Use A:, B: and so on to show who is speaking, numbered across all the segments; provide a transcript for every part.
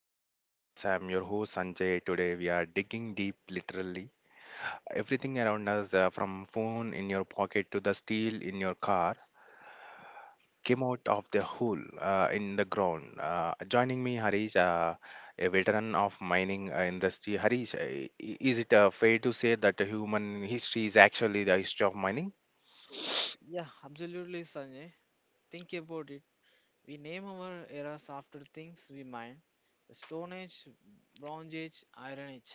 A: Beneath the Surface. I'm your host Sanjay. Today we are digging deep, literally. Everything around us, from phone in your pocket to the steel in your car, came out of the hole in the ground. Joining me, Harish, a veteran of mining industry. Harish, is it fair to say that the human history is actually the history of mining?
B: Yeah, absolutely, Sanjay. Think about it. We name our eras after things we mine. The Stone Age, Bronze Age, Iron Age.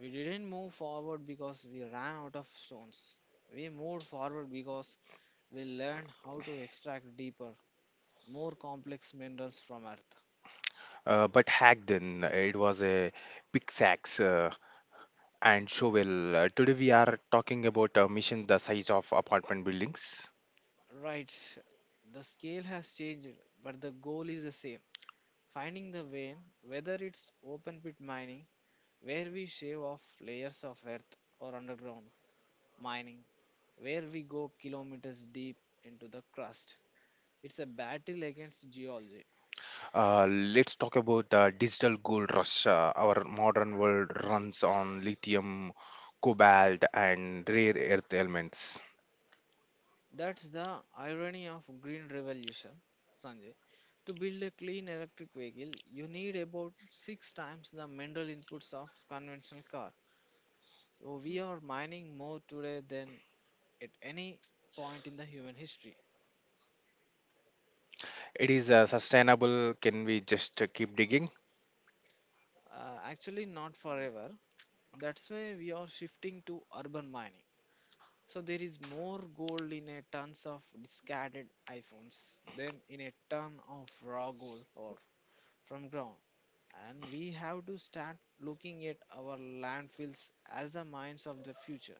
B: We didn't move forward because we ran out of stones. We moved forward because we learned how to extract deeper, more complex minerals from Earth.
A: But hacked then, it was a pickaxe. Sacks. And shovel, today we are talking about a mission the size of apartment buildings.
B: Right, the scale has changed, but the goal is the same. Finding the vein, whether it's open pit mining, where we shave off layers of earth, or underground mining where we go kilometers deep into the crust. It's a battle against geology.
A: Let's talk about the digital gold rush. Our modern world runs on lithium, cobalt, and rare earth elements.
B: That's the irony of green revolution, Sanjay. To build a clean electric vehicle, you need about 6 times the mineral inputs of conventional car. So we are mining more today than at any point in the human history.
A: It is sustainable. Can we just keep digging?
B: Actually not forever. That's why we are shifting to urban mining. So there is more gold in a tons of discarded iPhones than in a ton of raw gold or from ground. And we have to start looking at our landfills as the mines of the future.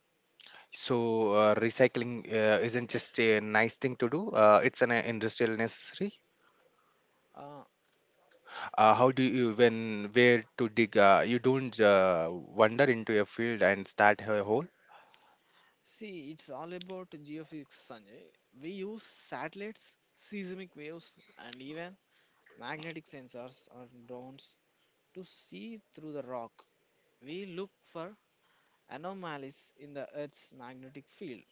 A: So recycling isn't just a nice thing to do. It's an industrial necessary.
B: Uh,
A: How do you when where to dig? You don't wander into a field and start a hole.
B: see, it's all about geophysics, Sanjay. We use satellites, seismic waves, and even magnetic sensors or drones to see through the rock. We look for anomalies in the Earth's magnetic field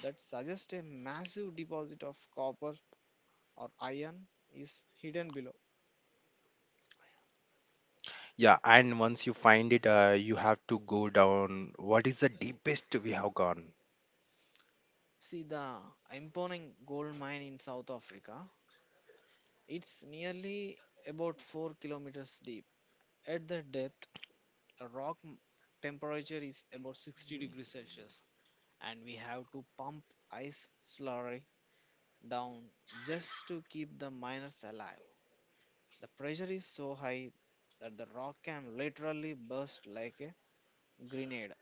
B: that suggests a massive deposit of copper or iron is hidden below.
A: Yeah, and once you find it, you have to go down. What is the deepest we have gone?
B: See the imponing gold mine in South Africa. It's nearly about 4 kilometers deep. At the depth, the rock temperature is about 60 degrees Celsius, and we have to pump ice slurry down just to keep the miners alive. The pressure is so high that the rock can literally burst like a grenade.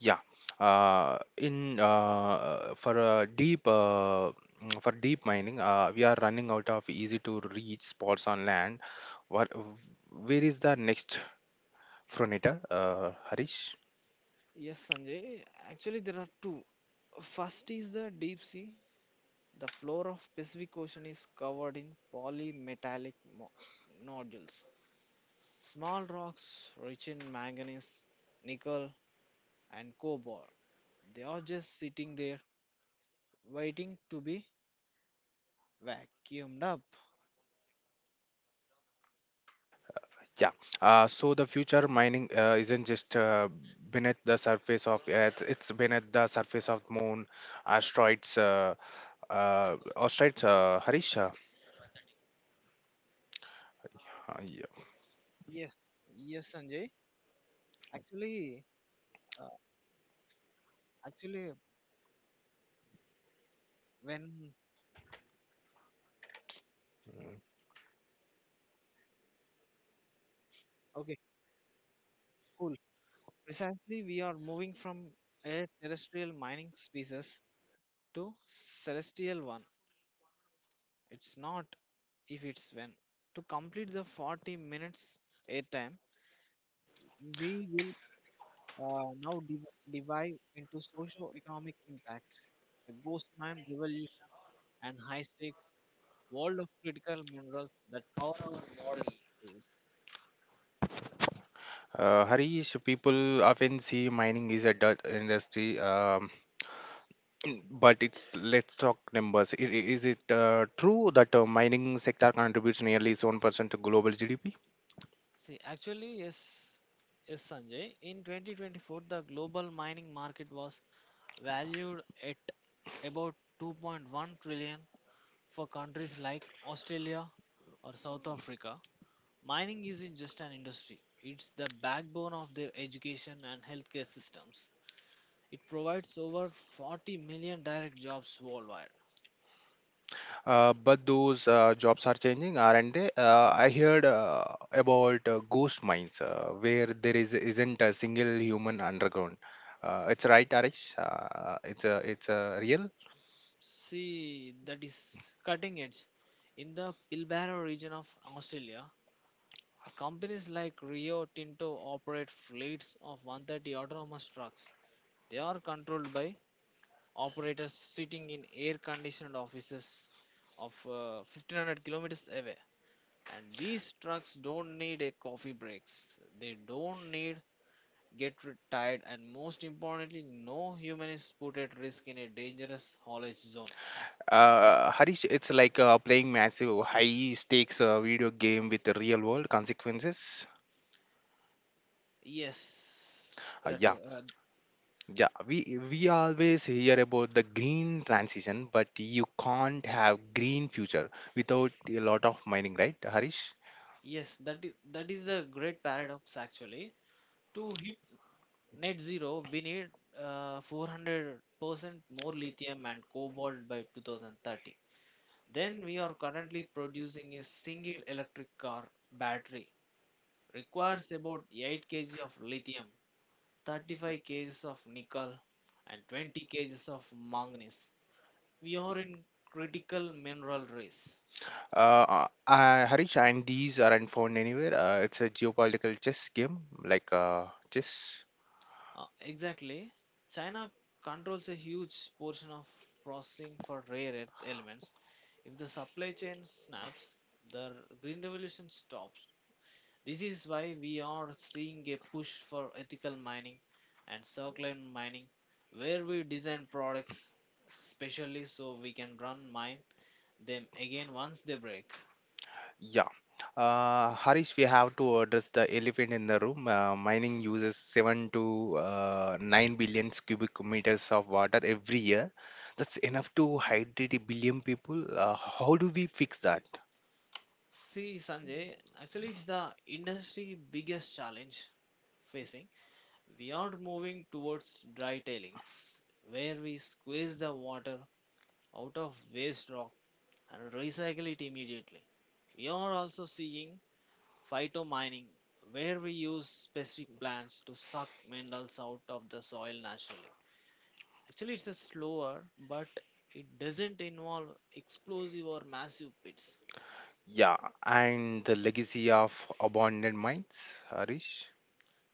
A: Yeah, in for a deep for deep mining, we are running out of easy to reach spots on land. What, where is the next frontier, Harish?
B: Yes, Sanjay. Actually, there are two. First is the deep sea. The floor of Pacific Ocean is covered in polymetallic nodules, small rocks rich in manganese, nickel, and cobalt. They are just sitting there waiting to be vacuumed up.
A: Yeah. So the future mining isn't just beneath the surface of Earth; it's beneath the surface of Moon, asteroids. Asteroids, Harish. Yeah.
B: Yes, yes, Sanjay. Actually, uh, actually, when okay, cool. Precisely, we are moving from a terrestrial mining species to celestial one. It's not if it's when. To complete the 40 minutes airtime, we will now divide into socio-economic impact, the ghost mine revolution, and high-stakes world of critical minerals that power our world lives.
A: Harish, people often see mining is a dirt industry, but it's let's talk numbers. Is it true that mining sector contributes nearly 7% to global GDP?
B: See, actually, yes, yes, Sanjay. In 2024, the global mining market was valued at about 2.1 trillion for countries like Australia or South Africa. Mining isn't just an industry, it's the backbone of their education and healthcare systems. It provides over 40 million direct jobs worldwide.
A: But those jobs are changing, aren't they? I heard about ghost mines where there is isn't a single human underground. It's right, Harish. It's a real.
B: See, that is cutting edge. In the Pilbara region of Australia, companies like Rio Tinto operate fleets of 130 autonomous trucks. They are controlled by operators sitting in air conditioned offices of 1500 kilometers away. And these trucks don't need a coffee breaks, they don't need get tired, and most importantly no human is put at risk in a dangerous haulage zone.
A: Harish, it's like playing massive high stakes video game with the real world consequences.
B: yes
A: Uh,
B: that
A: yeah,
B: uh,
A: yeah. We always hear about the green transition, but you can't have green future without a lot of mining, right, Harish?
B: yes that is, a great paradox actually. To hit net zero we need 400% more lithium and cobalt by 2030 then we are currently producing. A single electric car battery requires about 8 kg of lithium, 35 kgs of nickel, and 20 kgs of manganese. We are in critical mineral race.
A: Harish, and these aren't found anywhere. It's a geopolitical chess game, like chess.
B: Exactly. China controls a huge portion of processing for rare earth elements. If the supply chain snaps, the green revolution stops. This is why we are seeing a push for ethical mining and circular mining, where we design products specially so we can run mine them again once they break.
A: Yeah. Harish, we have to address the elephant in the room. Mining uses 7 to 9 billion cubic meters of water every year. That's enough to hydrate a billion people. How do we fix that?
B: See, Sanjay, actually, it's the industry biggest challenge facing. We are moving towards dry tailings, where we squeeze the water out of waste rock and recycle it immediately. We are also seeing phytomining, where we use specific plants to suck minerals out of the soil naturally. Actually, it's a slower, but it doesn't involve explosive or massive pits.
A: Yeah. And the legacy of abandoned mines, Harish?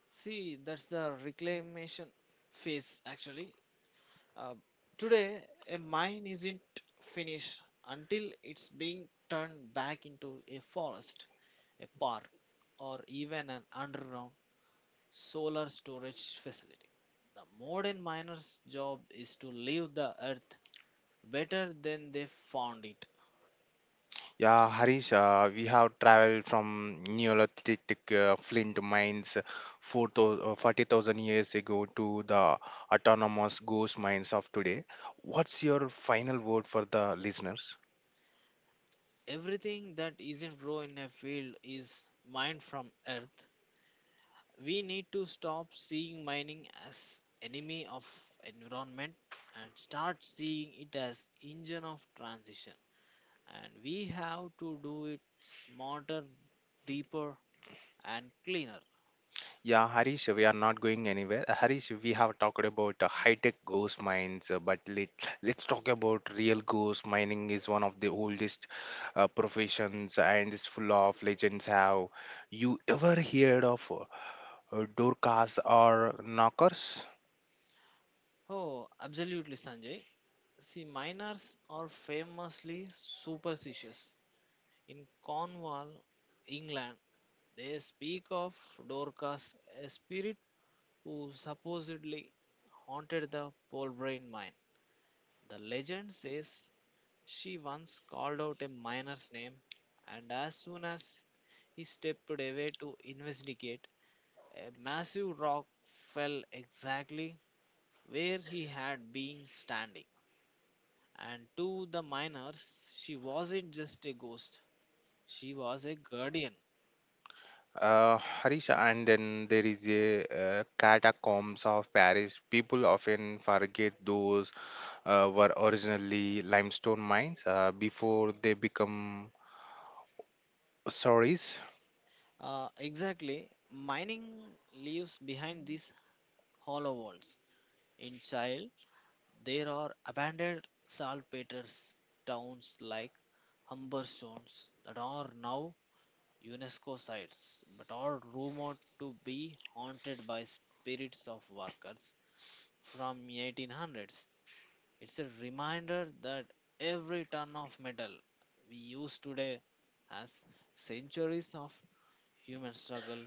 B: See, that's the reclamation phase actually. Uh, today, a mine isn't finished until it's being turned back into a forest, a park, or even an underground solar storage facility. The modern miner's job is to leave the earth better than they found it.
A: Yeah, Harish, we have traveled from Neolithic flint mines 4 40,000 years ago to the autonomous ghost mines of today. What's your final word for the listeners?
B: Everything that isn't grown in a field is mined from earth. We need to stop seeing mining as enemy of environment and start seeing it as engine of transition. And we have to do it smarter, deeper, and cleaner.
A: Yeah, Harish, we are not going anywhere. Harish, we have talked about high-tech ghost mines, but let's talk about real ghost mining is one of the oldest professions and is full of legends. Have you ever heard of Dorcas or knockers?
B: Oh, absolutely, Sanjay. See, miners are famously superstitious. In Cornwall, England, they speak of Dorcas, a spirit who supposedly haunted the Polbrain mine. The legend says she once called out a miner's name, and as soon as he stepped away to investigate, a massive rock fell exactly where he had been standing. And to the miners, she wasn't just a ghost, she was a guardian.
A: Harisha, and then there is a catacombs of Paris. People often forget those were originally limestone mines before they become quarries.
B: Exactly, mining leaves behind these hollow walls. In child, there are abandoned saltpeter towns like Humberstones that are now UNESCO sites but are rumored to be haunted by spirits of workers from 1800s. It's a reminder that every ton of metal we use today has centuries of human struggle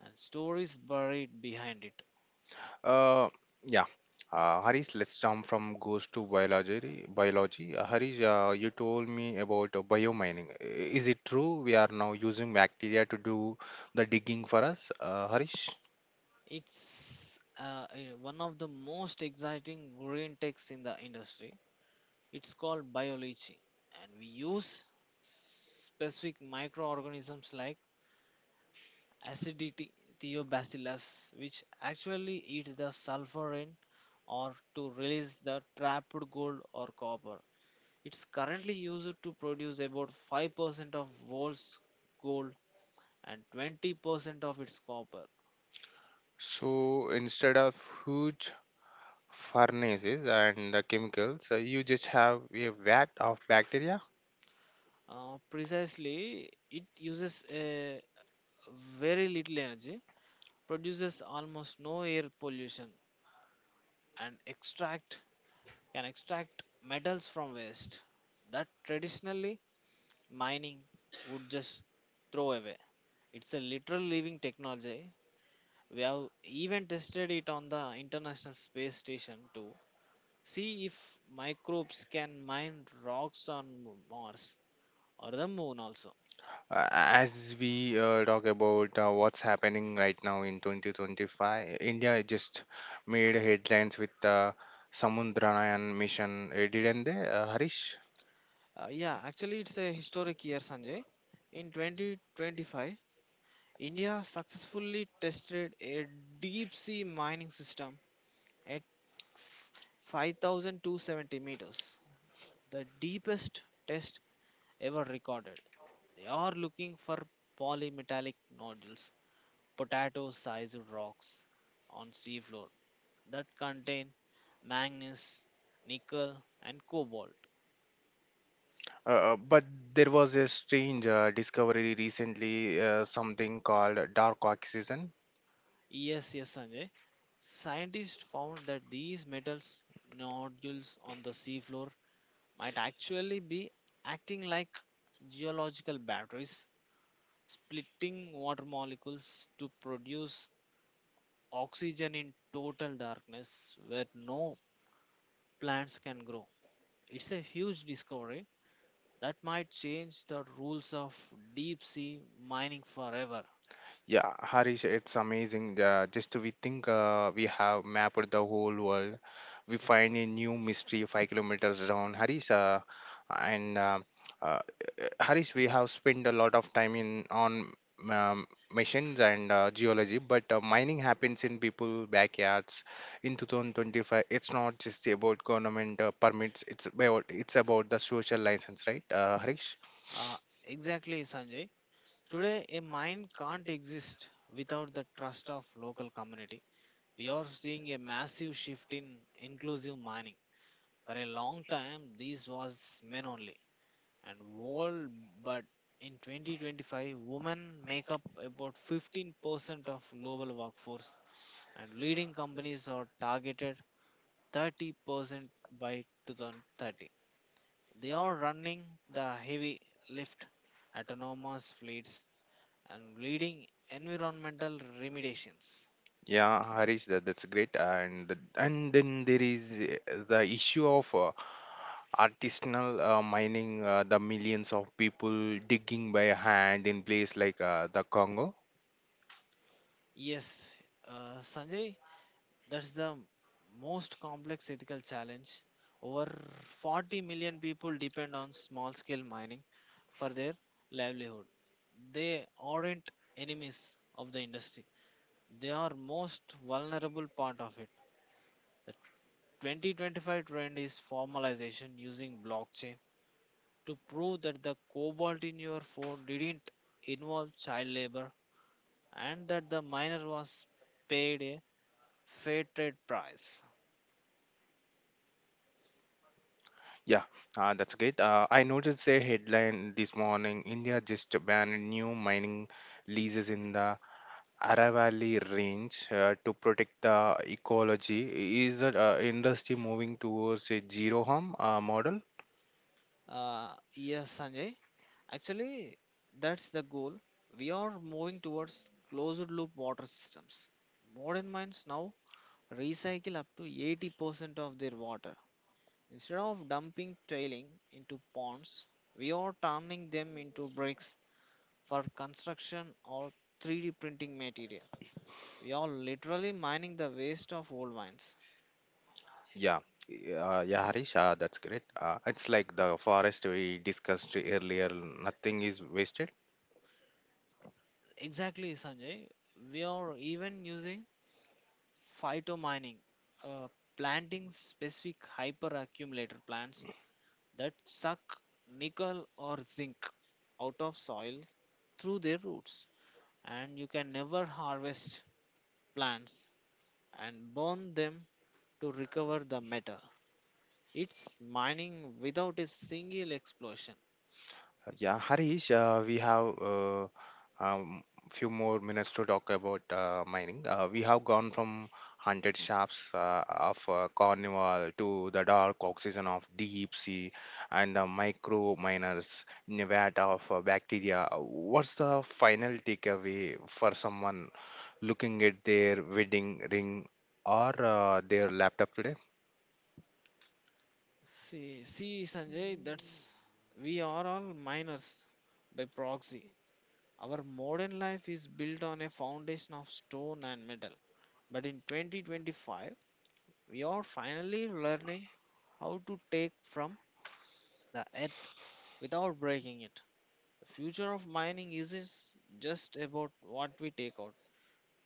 B: and stories buried behind it.
A: Uh, yeah. Harish, let's jump from ghost to biology. Biology. Harish, you told me about biomining. Is it true we are now using bacteria to do the digging for us, Harish?
B: It's one of the most exciting green techs in the industry. It's called biology, and we use specific microorganisms like acidity theobacillus, which actually eat the sulfur in or to release the trapped gold or copper. It's currently used to produce about 5% of world's gold and 20% of its copper.
A: So instead of huge furnaces and the chemicals, you just have a vat of bacteria.
B: Precisely, it uses a very little energy, produces almost no air pollution, and extract can extract metals from waste that traditionally mining would just throw away. It's a literal living technology. We have even tested it on the International Space Station to see if microbes can mine rocks on Mars or the moon also.
A: As we talk about what's happening right now in 2025, India just made headlines with the Samudranyan mission, didn't they, Harish?
B: Yeah, actually, it's a historic year, Sanjay. In 2025, India successfully tested a deep sea mining system at f- 5,270 meters, the deepest test ever recorded. They are looking for polymetallic nodules, potato sized rocks on seafloor that contain manganese, nickel, and cobalt.
A: But there was a strange discovery recently, something called dark oxygen.
B: Yes, yes, Sanjay. Scientists found that these metals nodules on the seafloor might actually be acting like geological batteries, splitting water molecules to produce oxygen in total darkness where no plants can grow. It's a huge discovery that might change the rules of deep sea mining forever.
A: Yeah, Harish, it's amazing. Just we think we have mapped the whole world. We find a new mystery 5 kilometers down, Harish. And uh, Harish, we have spent a lot of time in on machines and geology, but mining happens in people' backyards. In 2025, it's not just about government permits. It's about the social license, right, Harish?
B: Uh, exactly, Sanjay. Today, a mine can't exist without the trust of local community. We are seeing a massive shift in inclusive mining. For a long time, this was men only and world, but in 2025, women make up about 15% of global workforce, and leading companies are targeted 30% by 2030. They are running the heavy lift, autonomous fleets, and leading environmental remediations.
A: Yeah, Harish, that's great. And then there is the issue of artisanal mining, the millions of people digging by hand in place like the Congo.
B: Yes, Sanjay. That's the most complex ethical challenge. Over 40 million people depend on small scale mining for their livelihood. They aren't enemies of the industry, they are most vulnerable part of it. The 2025 trend is formalization using blockchain to prove that the cobalt in your phone didn't involve child labor and that the miner was paid a fair trade price.
A: Yeah, that's great. I noticed a headline this morning. India just banned new mining leases in the Aravalli Range to protect the ecology. Is the industry moving towards a zero harm model?
B: Uh, yes, Sanjay. Actually, that's the goal. We are moving towards closed loop water systems. Modern mines now recycle up to 80% of their water. Instead of dumping tailing into ponds, we are turning them into bricks for construction or 3D printing material. We are literally mining the waste of old mines.
A: Yeah, yeah, Harish, that's great. It's like the forest we discussed earlier, nothing is wasted.
B: Exactly, Sanjay. We are even using phytomining, uh, planting specific hyperaccumulator plants that suck nickel or zinc out of soil through their roots. And you can never harvest plants and burn them to recover the metal. It's mining without a single explosion.
A: Yeah, Harish, we have um, few more minutes to talk about mining. We have gone from haunted shafts of Cornwall to the dark oxygen of deep sea and the micro miners in a vat of bacteria. What's the final takeaway for someone looking at their wedding ring or their laptop today?
B: See, Sanjay, that's, we are all miners by proxy. Our modern life is built on a foundation of stone and metal, but in 2025 we are finally learning how to take from the earth without breaking it. The future of mining isn't just about what we take out,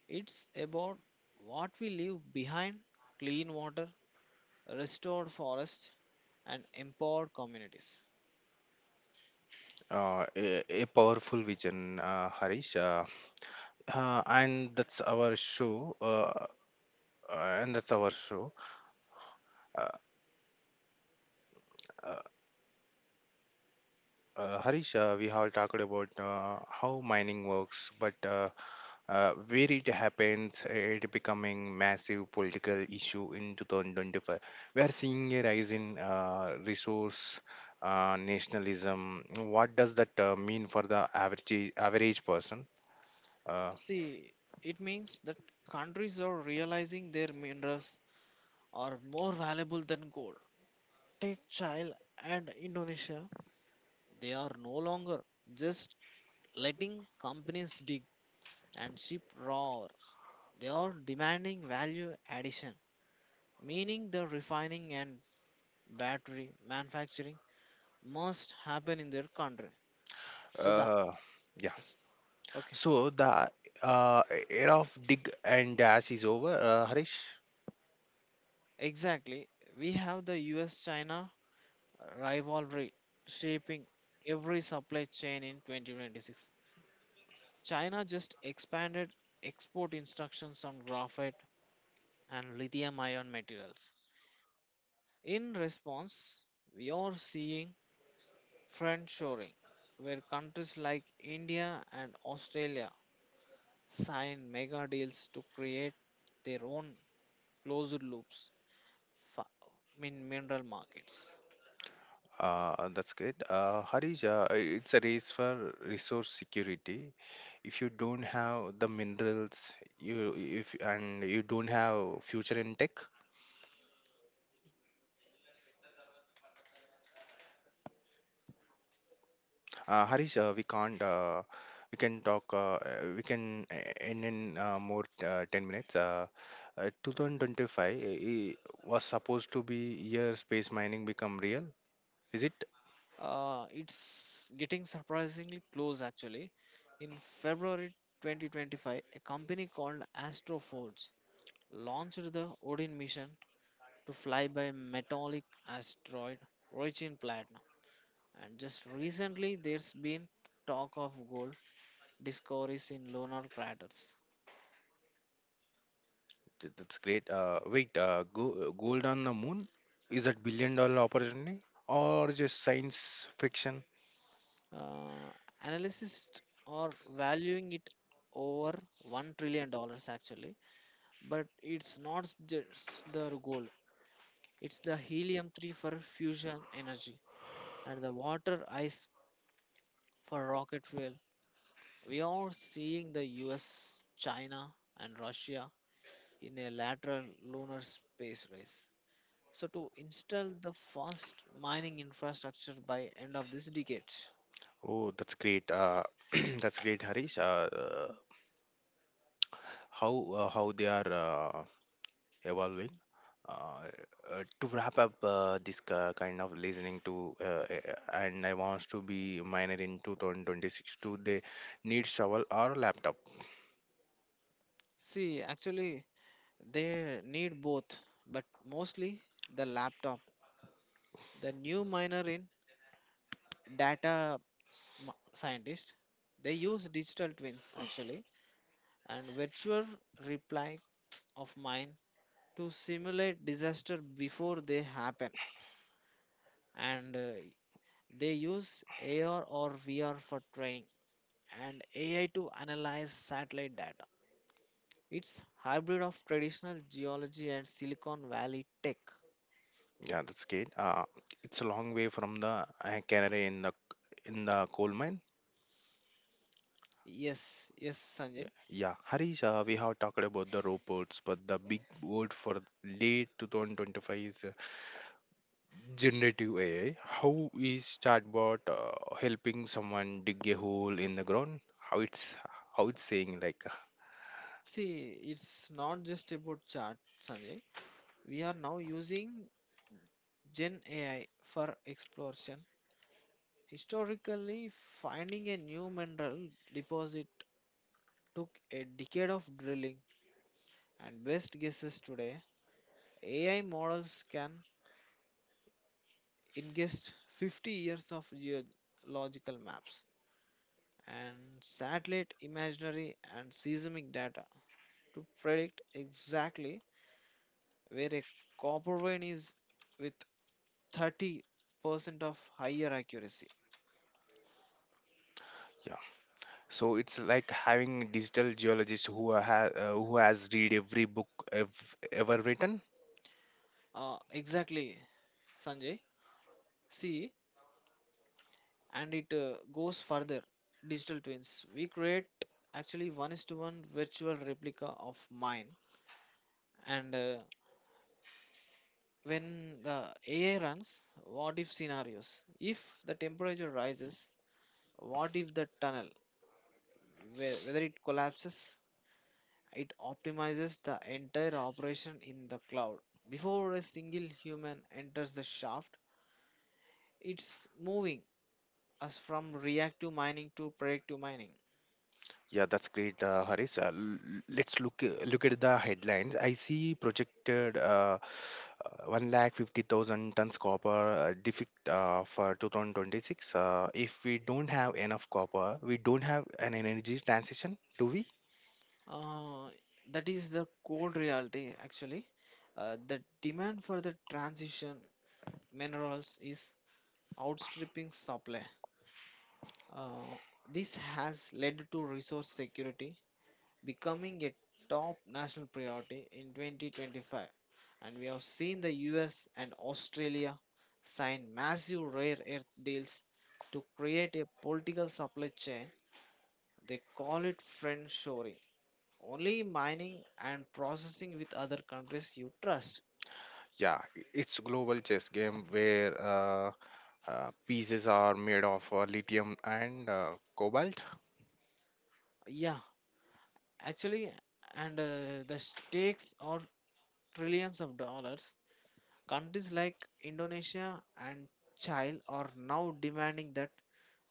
B: it's about what we leave behind clean water, restored forests, and empowered communities.
A: A powerful vision, Harish. And that's our show. And that's our show. Uh, uh, Harish, we have talked about how mining works, but where it happens, it becoming massive political issue in 2025. We are seeing a rise in resource nationalism. What does that mean for the average person? Uh,
B: See, it means that countries are realizing their minerals are more valuable than gold. Take Chile and Indonesia, they are no longer just letting companies dig and ship raw ore. They are demanding value addition meaning the refining and battery manufacturing must happen in their country. So the
A: uh, yeah.
B: s- okay,
A: So the uh, era of dig and dash is over, Harish.
B: exactly. We have the U.S.-China rivalry shaping every supply chain in 2026. China just expanded export instructions on graphite and lithium-ion materials. In response, we are seeing friendshoring, where countries like India and Australia sign mega deals to create their own closed loops fa- in mineral markets.
A: That's good. Harish, it's a race for resource security. If you don't have the minerals, you if and you don't have future in tech, Harish, we can't. We can talk. We can end in more 10 minutes. 2025 i- i- was supposed to be year space mining become real. Is it?
B: It's getting surprisingly close actually. In February 2025, a company called Astroforge launched the Odin mission to fly by metallic asteroid rich in platinum. And just recently, there's been talk of gold discoveries in lunar craters.
A: That's great. Wait, gold on the moon? Is that billion-dollar opportunity or just science fiction?
B: Uh, analysts are valuing it over $1 trillion actually, but it's not just the gold, it's the helium 3 for fusion energy and the water ice for rocket fuel. We are seeing the US, China, and Russia in a lateral lunar space race, so to install the first mining infrastructure by end of this decade.
A: Oh, that's great. That's great, Harish. How they are evolving. Uh, to wrap up this kind of listening to, and I want to be minor in 2026. Do they need shovel or laptop?
B: See, actually, they need both, but mostly the laptop. The new minor in data scientist, they use digital twins actually and virtual replies of mine to simulate disaster before they happen. And They use AR or VR for training and AI to analyze satellite data. It's hybrid of traditional geology and Silicon Valley tech.
A: Yeah, that's great. It's a long way from the canary in the coal mine.
B: Yes, yes,
A: Yeah,
B: Sanjay.
A: yeah. Harish, we have talked about the robots, but the big word for late 2025 is generative AI. How is chatbot helping someone dig a hole in the ground? How it's saying like
B: See, it's not just about chat, Sanjay. We are now using Gen AI for exploration. Historically, finding a new mineral deposit took a decade of drilling and best guesses today. AI models can ingest 50 years of geological maps and satellite imaginary and seismic data to predict exactly where a copper vein is with 30% of higher accuracy.
A: yeah. So it's like having digital geologist who has read every book ev ever written.
B: Exactly, Sanjay. See, and it goes further. Digital twins. We create actually one is to one virtual replica of mine. And When the AI runs what if scenarios? If the temperature rises, what if the tunnel, whether it collapses, it optimizes the entire operation in the cloud before a single human enters the shaft. It's moving us from reactive mining to predictive mining.
A: Yeah, that's great, Harish. Let's look at the headlines. I see projected. 1,50,000 tons copper for 2026. If we don't have enough copper, we don't have an energy transition, do we?
B: Uh, that is the cold reality, actually. The demand for the transition minerals is outstripping supply. Uh, this has led to resource security becoming a top national priority in 2025. And we have seen the US and Australia sign massive rare earth deals to create a political supply chain. They call it friend shoring. Only mining and processing with other countries you trust.
A: Yeah, it's global chess game where pieces are made of lithium and cobalt.
B: Yeah, actually, and the stakes are trillions of dollars. Countries like Indonesia and Chile are now demanding that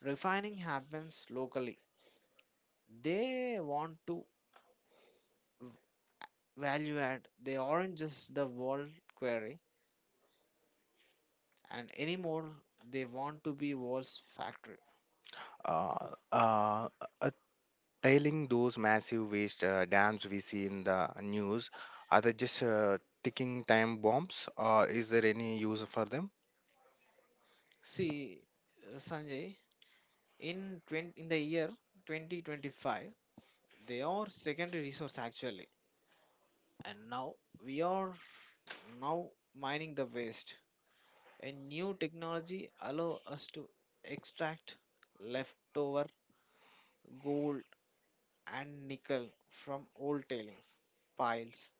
B: refining happens locally. They want to v- value add. They aren't just the world quarry, and anymore, they want to be world's factory.
A: Uh, uh, uh, Tailing those massive waste dams we see in the news, are they just ticking time bombs? Or is there any use for them?
B: See, Sanjay, in the year 2025 they are secondary resource actually, and now we are now mining the waste. A new technology allow us to extract leftover gold and nickel from old tailings piles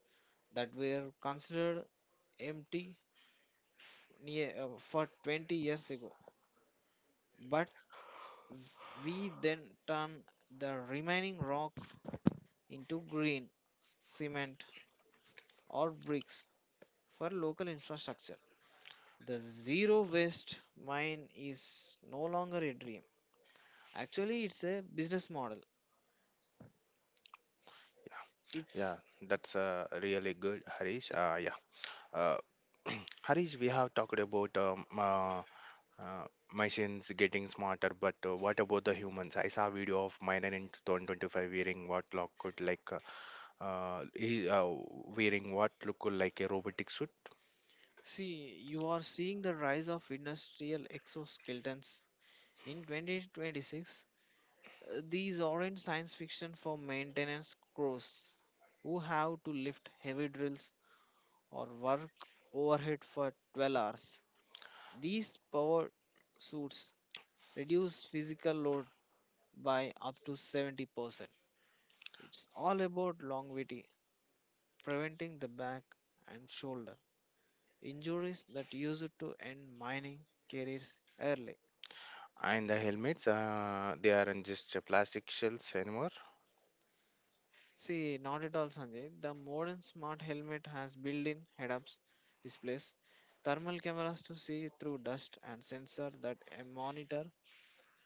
B: that were considered empty for 20 years ago, but we then turn the remaining rock into green cement or bricks for local infrastructure. The zero waste mine is no longer a dream. Actually, it's a business model.
A: Yeah,
B: It's
A: that's really good, Harish.
B: it-
A: Yeah, uh, Harish, we have talked about uh, machines getting smarter, but what about the humans? I saw a video of miner in 2025 wearing what looked could like uh, he, uh, wearing what looked like a robotic suit,
B: See, you are seeing the rise of industrial exoskeletons in 2026. These aren't science fiction for maintenance crews who have to lift heavy drills or work overhead for 12 hours. These power suits reduce physical load by up to 70%. It's all about longevity, preventing the back and shoulder injuries that used to end mining careers early.
A: and the helmets they aren't just plastic shells anymore.
B: See, not at all, Sanjay. The modern smart helmet has built in head ups displays, thermal cameras to see through dust, and sensor that monitor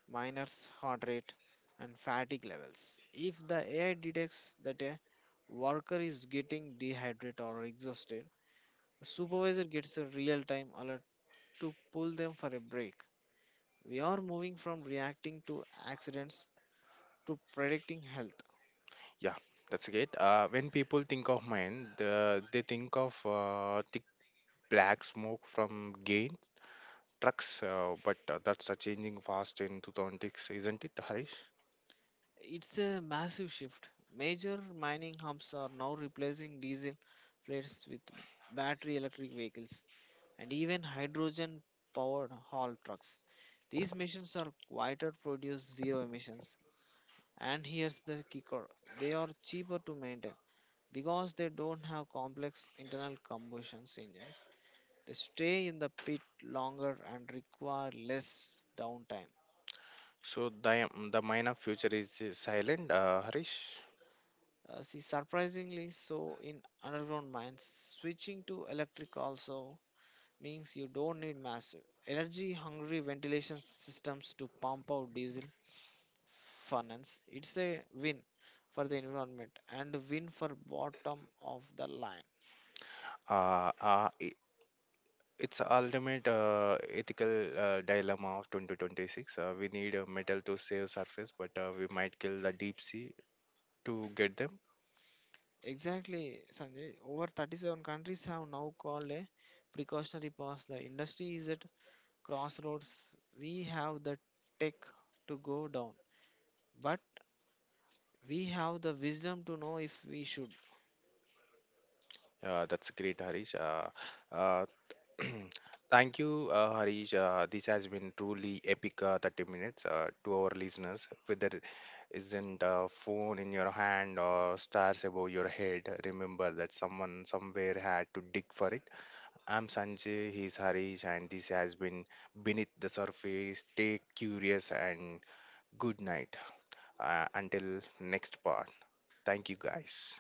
B: miner's heart rate and fatigue levels. If the AI detects that a worker is getting dehydrated or exhausted, the supervisor gets a real time alert to pull them for a break. We are moving from reacting to accidents to predicting health.
A: Yeah, that's great. When people think of mine, they think of thick black smoke from gain trucks, but that's a changing fast in 2006, isn't it, Harish?
B: It's a massive shift. Major mining hubs are now replacing diesel fleets with battery electric vehicles and even hydrogen powered haul trucks. These machines are quieter, produce zero emissions. And here's the kicker, they are cheaper to maintain because they don't have complex internal combustion engines. They stay in the pit longer and require less downtime.
A: So the mine of future is silent, Harish.
B: See, surprisingly, so in underground mines, switching to electric also means you don't need massive energy hungry ventilation systems to pump out diesel furnace. It's a win for the environment and win for bottom of the line.
A: Uh, uh, i- it's a ultimate ethical dilemma of 2026. We need metal to save surface, but we might kill the deep sea to get them.
B: Exactly, Sanjay. Over 37 countries have now called a precautionary pause. The industry is at crossroads, we have the tech to go down, but we have the wisdom to know if we should.
A: That's great, Harish. Uh, Thank you, Harish. This has been truly epic 30 minutes to our listeners. Whether it isn't a phone in your hand or stars above your head, remember that someone somewhere had to dig for it. I'm Sanjay, he's Harish, and this has been Beneath the Surface. Stay curious and good night until next part. Thank you, guys.